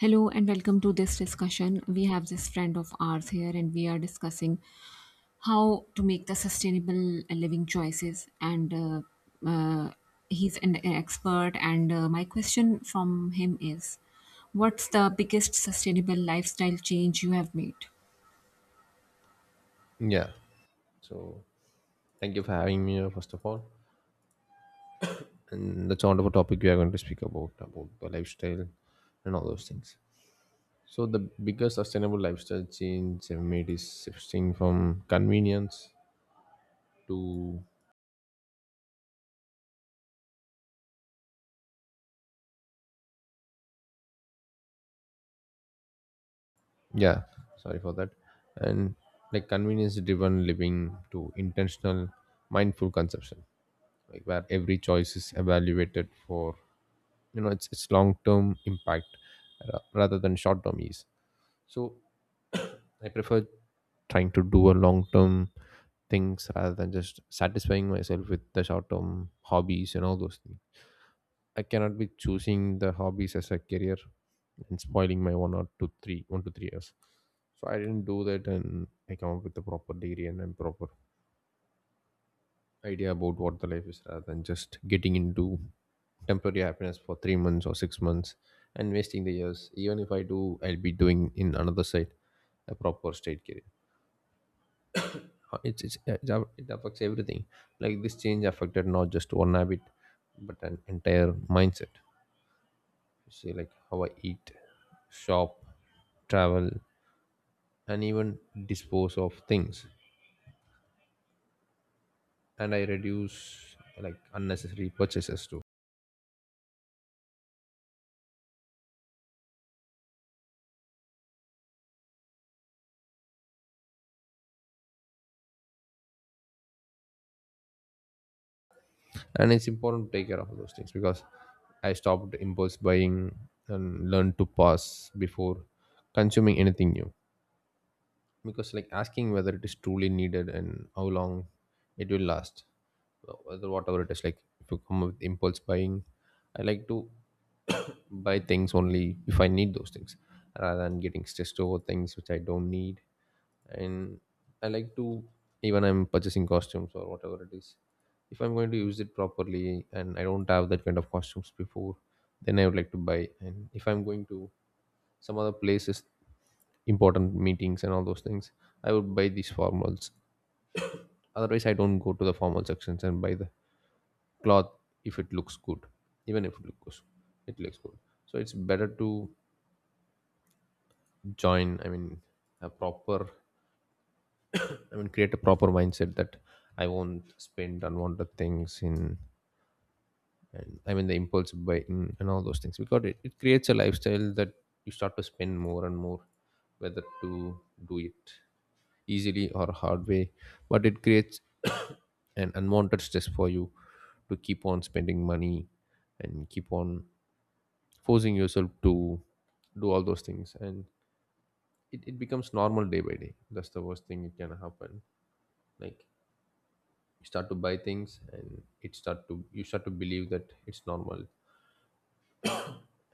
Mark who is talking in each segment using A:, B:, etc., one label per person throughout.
A: Hello and welcome to this discussion. We have this friend of ours here and we are discussing how to make the sustainable living choices and uh, he's an expert and my question from him is what's the biggest sustainable lifestyle change you have made?
B: Yeah. So thank you for having me here, first of all. And that's a wonderful topic we are going to speak about the lifestyle and all those things. So the biggest sustainable lifestyle change I've made is shifting from convenience to yeah, sorry for that. And like convenience driven living to intentional mindful consumption. Like where every choice is evaluated for its long term impact rather than short term ease. So I prefer trying to do a long term things rather than just satisfying myself with the short term hobbies and all those things. I cannot be choosing the hobbies as a career and spoiling my one or two, three, 1 to 3 years. So I didn't do that, and I come up with a proper degree and a proper idea about what the life is, rather than just getting into temporary happiness for 3 months or 6 months and wasting the years. Even if I do, I'll be doing in another side a proper state career. It's yeah, it's a- it affects everything like this change affected not just one habit but an entire mindset. You see like how I eat, shop, travel, and even dispose of things. And I reduce like unnecessary purchases too, and it's important to take care of those things because I stopped impulse buying and learned to pause before consuming anything new, because like asking whether it is truly needed and how long it will last. Whether whatever it is, like if you come up with impulse buying, I like to buy things only if I need those things rather than getting stressed over things which I don't need. And I like to, even I'm purchasing costumes or whatever it is, if I'm going to use it properly and I don't have that kind of costumes before, then I would like to buy. And if I'm going to some other places, important meetings and all those things, I would buy these formals. Otherwise, I don't go to the formal sections and buy the cloth if it looks good, even if it looks good. So it's better to join. I mean, a proper. I mean, create a proper mindset that I won't spend unwanted things in. And I mean, the impulse buying and all those things, because it creates a lifestyle that you start to spend more and more, whether to do it easily or hard way, but it creates an unwanted stress for you to keep on spending money and keep on forcing yourself to do all those things. And it becomes normal day by day. That's the worst thing it can happen, like you start to buy things and it start to you start to believe that it's normal.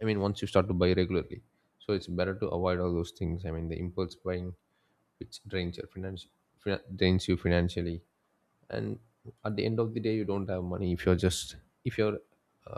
B: I mean, once you start to buy regularly. So it's better to avoid all those things, I mean the impulse buying, which drains your finance, drains you financially. And at the end of the day you don't have money if you're just, if you're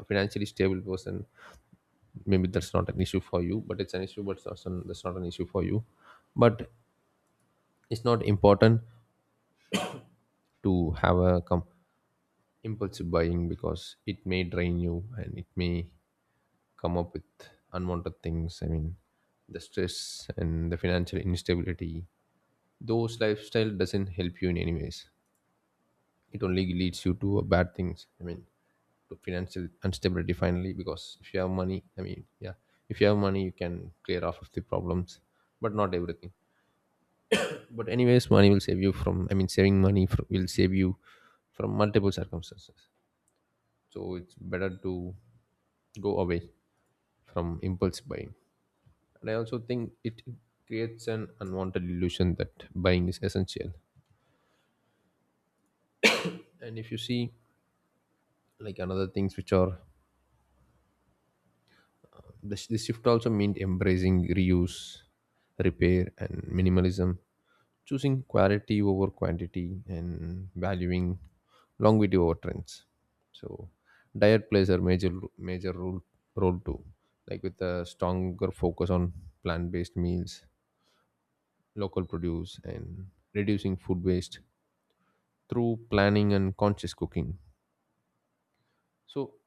B: a financially stable person, maybe that's not an issue for you, but it's an issue, but it's also, that's not an issue for you, but it's not important to have a impulsive buying, because it may drain you and it may come up with unwanted things, I mean the stress and the financial instability. Those lifestyle doesn't help you in any ways. It only leads you to bad things, I mean to financial instability finally. Because if you have money, I mean, yeah, if you have money you can clear off of the problems, but not everything. But anyways money will save you from, I mean saving money will save you from multiple circumstances. So it's better to go away from impulse buying. And I also think it creates an unwanted illusion that buying is essential. And if you see like another things which are the, this shift also meant embracing reuse, repair, and minimalism, choosing quality over quantity and valuing longevity over trends. So diet plays a major role too, like with a stronger focus on plant-based meals, local produce, and reducing food waste through planning and conscious cooking. So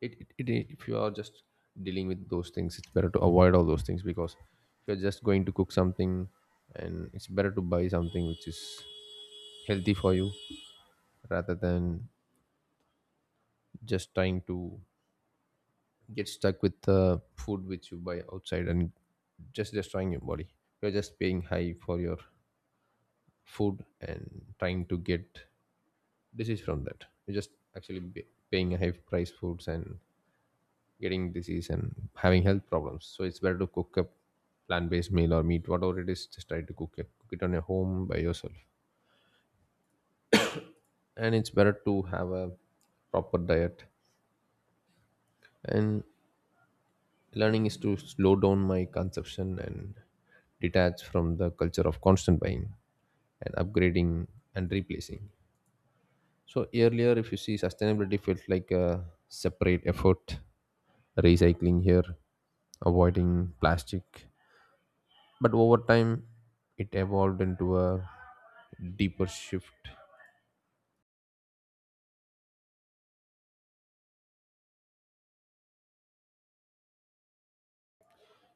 B: it if you are just dealing with those things, it's better to avoid all those things, because if you're just going to cook something, and it's better to buy something which is healthy for you rather than just trying to get stuck with the food which you buy outside and just destroying your body. You're just paying high for your food and trying to get disease from that. You're just actually paying a high price foods and getting disease and having health problems. So it's better to cook a plant-based meal or meat, whatever it is. Just try to cook it on your home by yourself. And it's better to have a proper diet. And learning is to slow down my consumption and detach from the culture of constant buying and upgrading and replacing. So earlier, if you see, sustainability felt like a separate effort, recycling here, avoiding plastic, but over time it evolved into a deeper shift.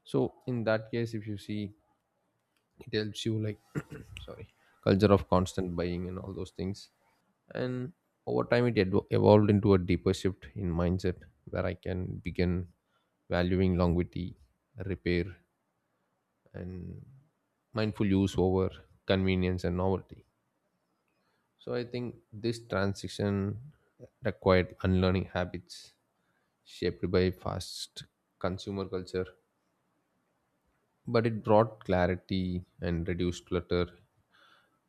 B: So in that case, if you see, it helps you like sorry, culture of constant buying and all those things, and over time it evolved into a deeper shift in mindset where I can begin valuing longevity, repair, and mindful use over convenience and novelty. So I think this transition required unlearning habits shaped by fast consumer culture. But it brought clarity and reduced clutter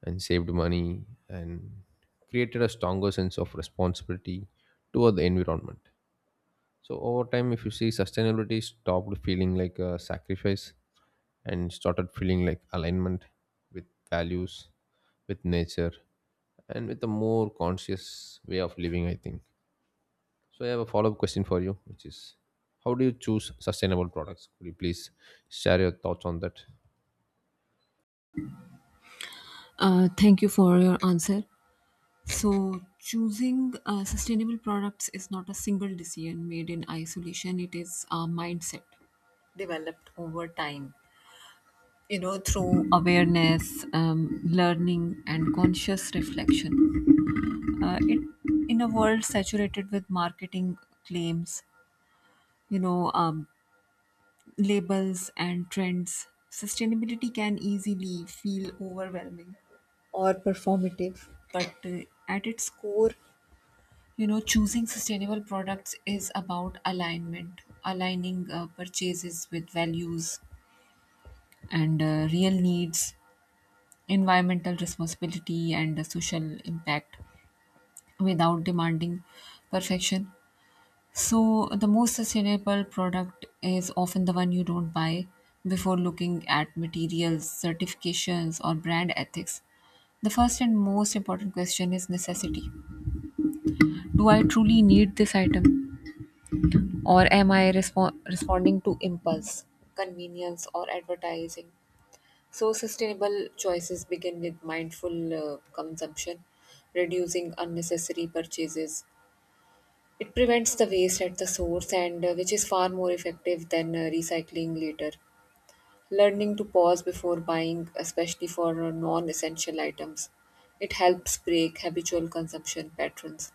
B: and saved money and created a stronger sense of responsibility toward the environment. So, over time, if you see, sustainability stopped feeling like a sacrifice and started feeling like alignment with values, with nature, and with a more conscious way of living, I think. So I have a follow-up question for you, which is how do you choose sustainable products? Could you please share your thoughts on that?
A: Thank you for your answer. So, choosing sustainable products is not a single decision made in isolation. It is a mindset developed over time, you know, through awareness, learning and conscious reflection. uh, it, in a world saturated with marketing claims, you know, labels and trends, sustainability can easily feel overwhelming or performative, but at its core, you know, choosing sustainable products is about alignment, aligning purchases with values and real needs, environmental responsibility and the social impact, without demanding perfection. So, the most sustainable product is often the one you don't buy before looking at materials, certifications, or brand ethics. The first and most important question is necessity. Do I truly need this item, or am I responding to impulse, convenience, or advertising? So, sustainable choices begin with mindful consumption, reducing unnecessary purchases. It prevents the waste at the source, and which is far more effective than recycling later. Learning to pause before buying, especially for non essential items, it helps break habitual consumption patterns.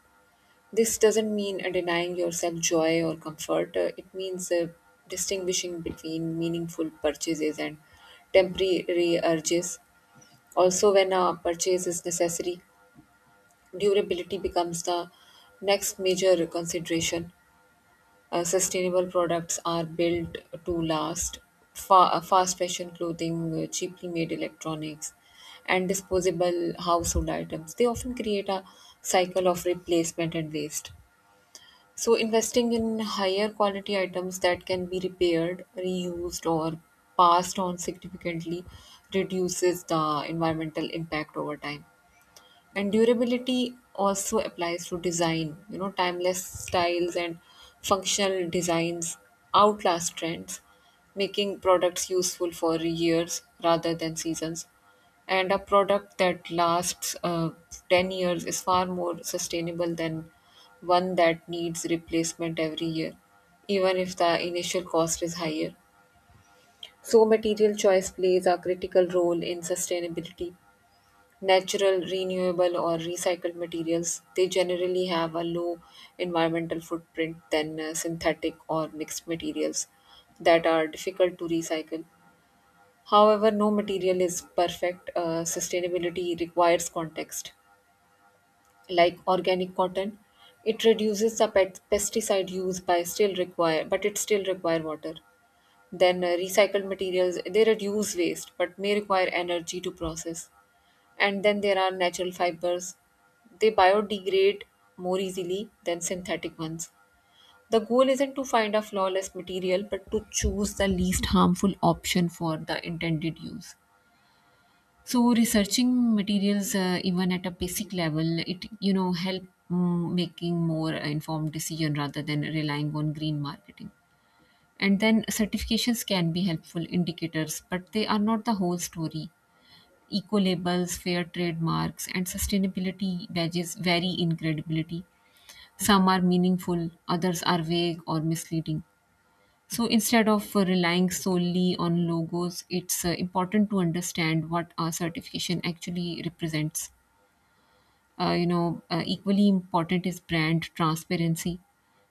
A: This doesn't mean denying yourself joy or comfort. It means distinguishing between meaningful purchases and temporary urges. Also, when a purchase is necessary, durability becomes the next major consideration. Sustainable products are built to last. Fast fashion clothing, cheaply made electronics, and disposable household items, they often create a cycle of replacement and waste. So, investing in higher quality items that can be repaired, reused, or passed on significantly reduces the environmental impact over time. And durability also applies to design. You know, timeless styles and functional designs outlast trends, making products useful for years rather than seasons. And a product that lasts 10 years is far more sustainable than one that needs replacement every year, even if the initial cost is higher. So material choice plays a critical role in sustainability. Natural, renewable, or recycled materials, they generally have a low environmental footprint than synthetic or mixed materials that are difficult to recycle. However, no material is perfect. Sustainability requires context. Like organic cotton, it reduces the pesticide use by still require, but it still require water. Then recycled materials, they reduce waste but may require energy to process. And then there are natural fibers. They biodegrade more easily than synthetic ones. The goal isn't to find a flawless material, but to choose the least harmful option for the intended use. So, researching materials, even at a basic level, it, you know, help making more informed decision rather than relying on green marketing. And then certifications can be helpful indicators, but they are not the whole story. Eco labels, fair trade marks, and sustainability badges vary in credibility. Some are meaningful, others are vague or misleading. So instead of relying solely on logos, it's important to understand what our certification actually represents. Equally important is brand transparency.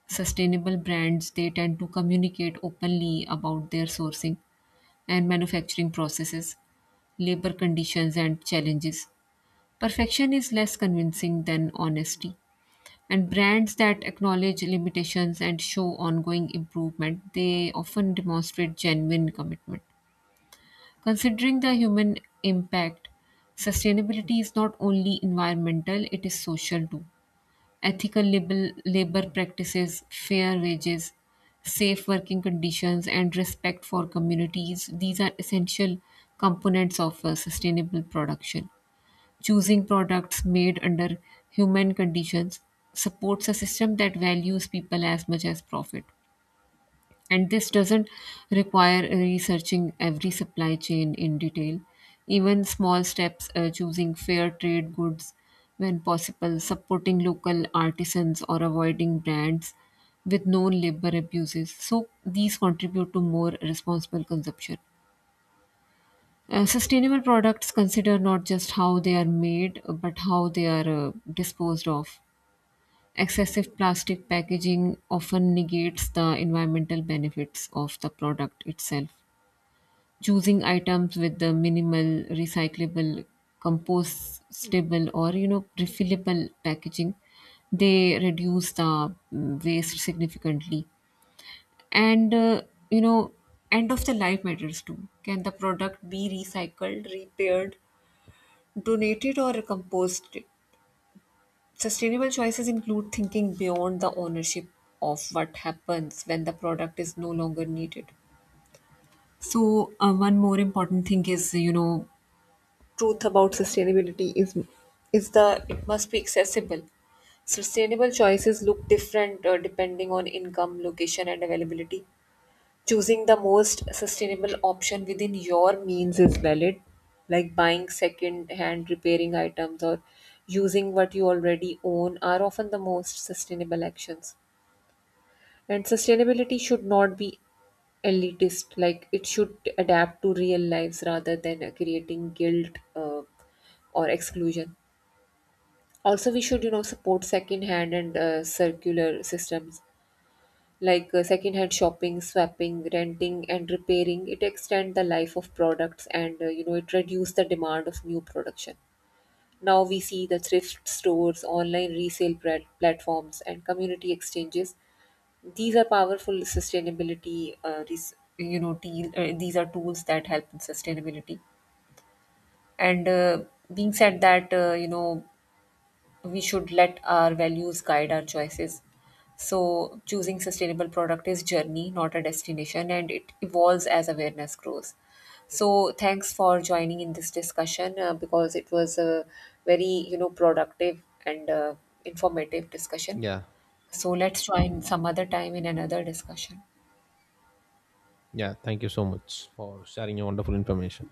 A: Sustainable brands, they tend to communicate openly about their sourcing and manufacturing processes, labor conditions, and challenges. Perfection is less convincing than honesty. And brands that acknowledge limitations and show ongoing improvement, they often demonstrate genuine commitment. Considering the human impact, sustainability is not only environmental, it is social too. Ethical labor, labor practices, fair wages, safe working conditions, and respect for communities, these are essential components of sustainable production. Choosing products made under human conditions supports a system that values people as much as profit. And this doesn't require researching every supply chain in detail. Even small steps, choosing fair trade goods when possible, supporting local artisans, or avoiding brands with known labor abuses. So, these contribute to more responsible consumption. Sustainable products consider not just how they are made, but how they are disposed of. Excessive plastic packaging often negates the environmental benefits of the product itself. Choosing items with the minimal recyclable, compostable, or, you know, refillable packaging, they reduce the waste significantly. And uh, you know, End of the life matters too. Can the product be recycled, repaired, donated or composted? Sustainable choices include thinking beyond the ownership of what happens when the product is no longer needed. So, one more important thing is, you know, truth about sustainability is the it must be accessible. Sustainable choices look different depending on income, location, and availability. Choosing the most sustainable option within your means is valid, like buying second hand, repairing items, or using what you already own are often the most sustainable actions. And sustainability should not be elitist. Like it should adapt to real lives rather than creating guilt or exclusion. Also, we should, you know, support second hand and circular systems like secondhand shopping, swapping, renting, and repairing. It extend the life of products and, you know, it reduce the demand of new production. Now we see the thrift stores, online resale platforms, and community exchanges. These are powerful sustainability. These are tools that help in sustainability. And Being said that, we should let our values guide our choices. So, choosing sustainable product is journey, not a destination, and it evolves as awareness grows. So, thanks for joining in this discussion because it was a very, you know, productive and informative discussion.
B: Yeah.
A: So, let's join some other time in another discussion.
B: Yeah, thank you so much for sharing your wonderful information.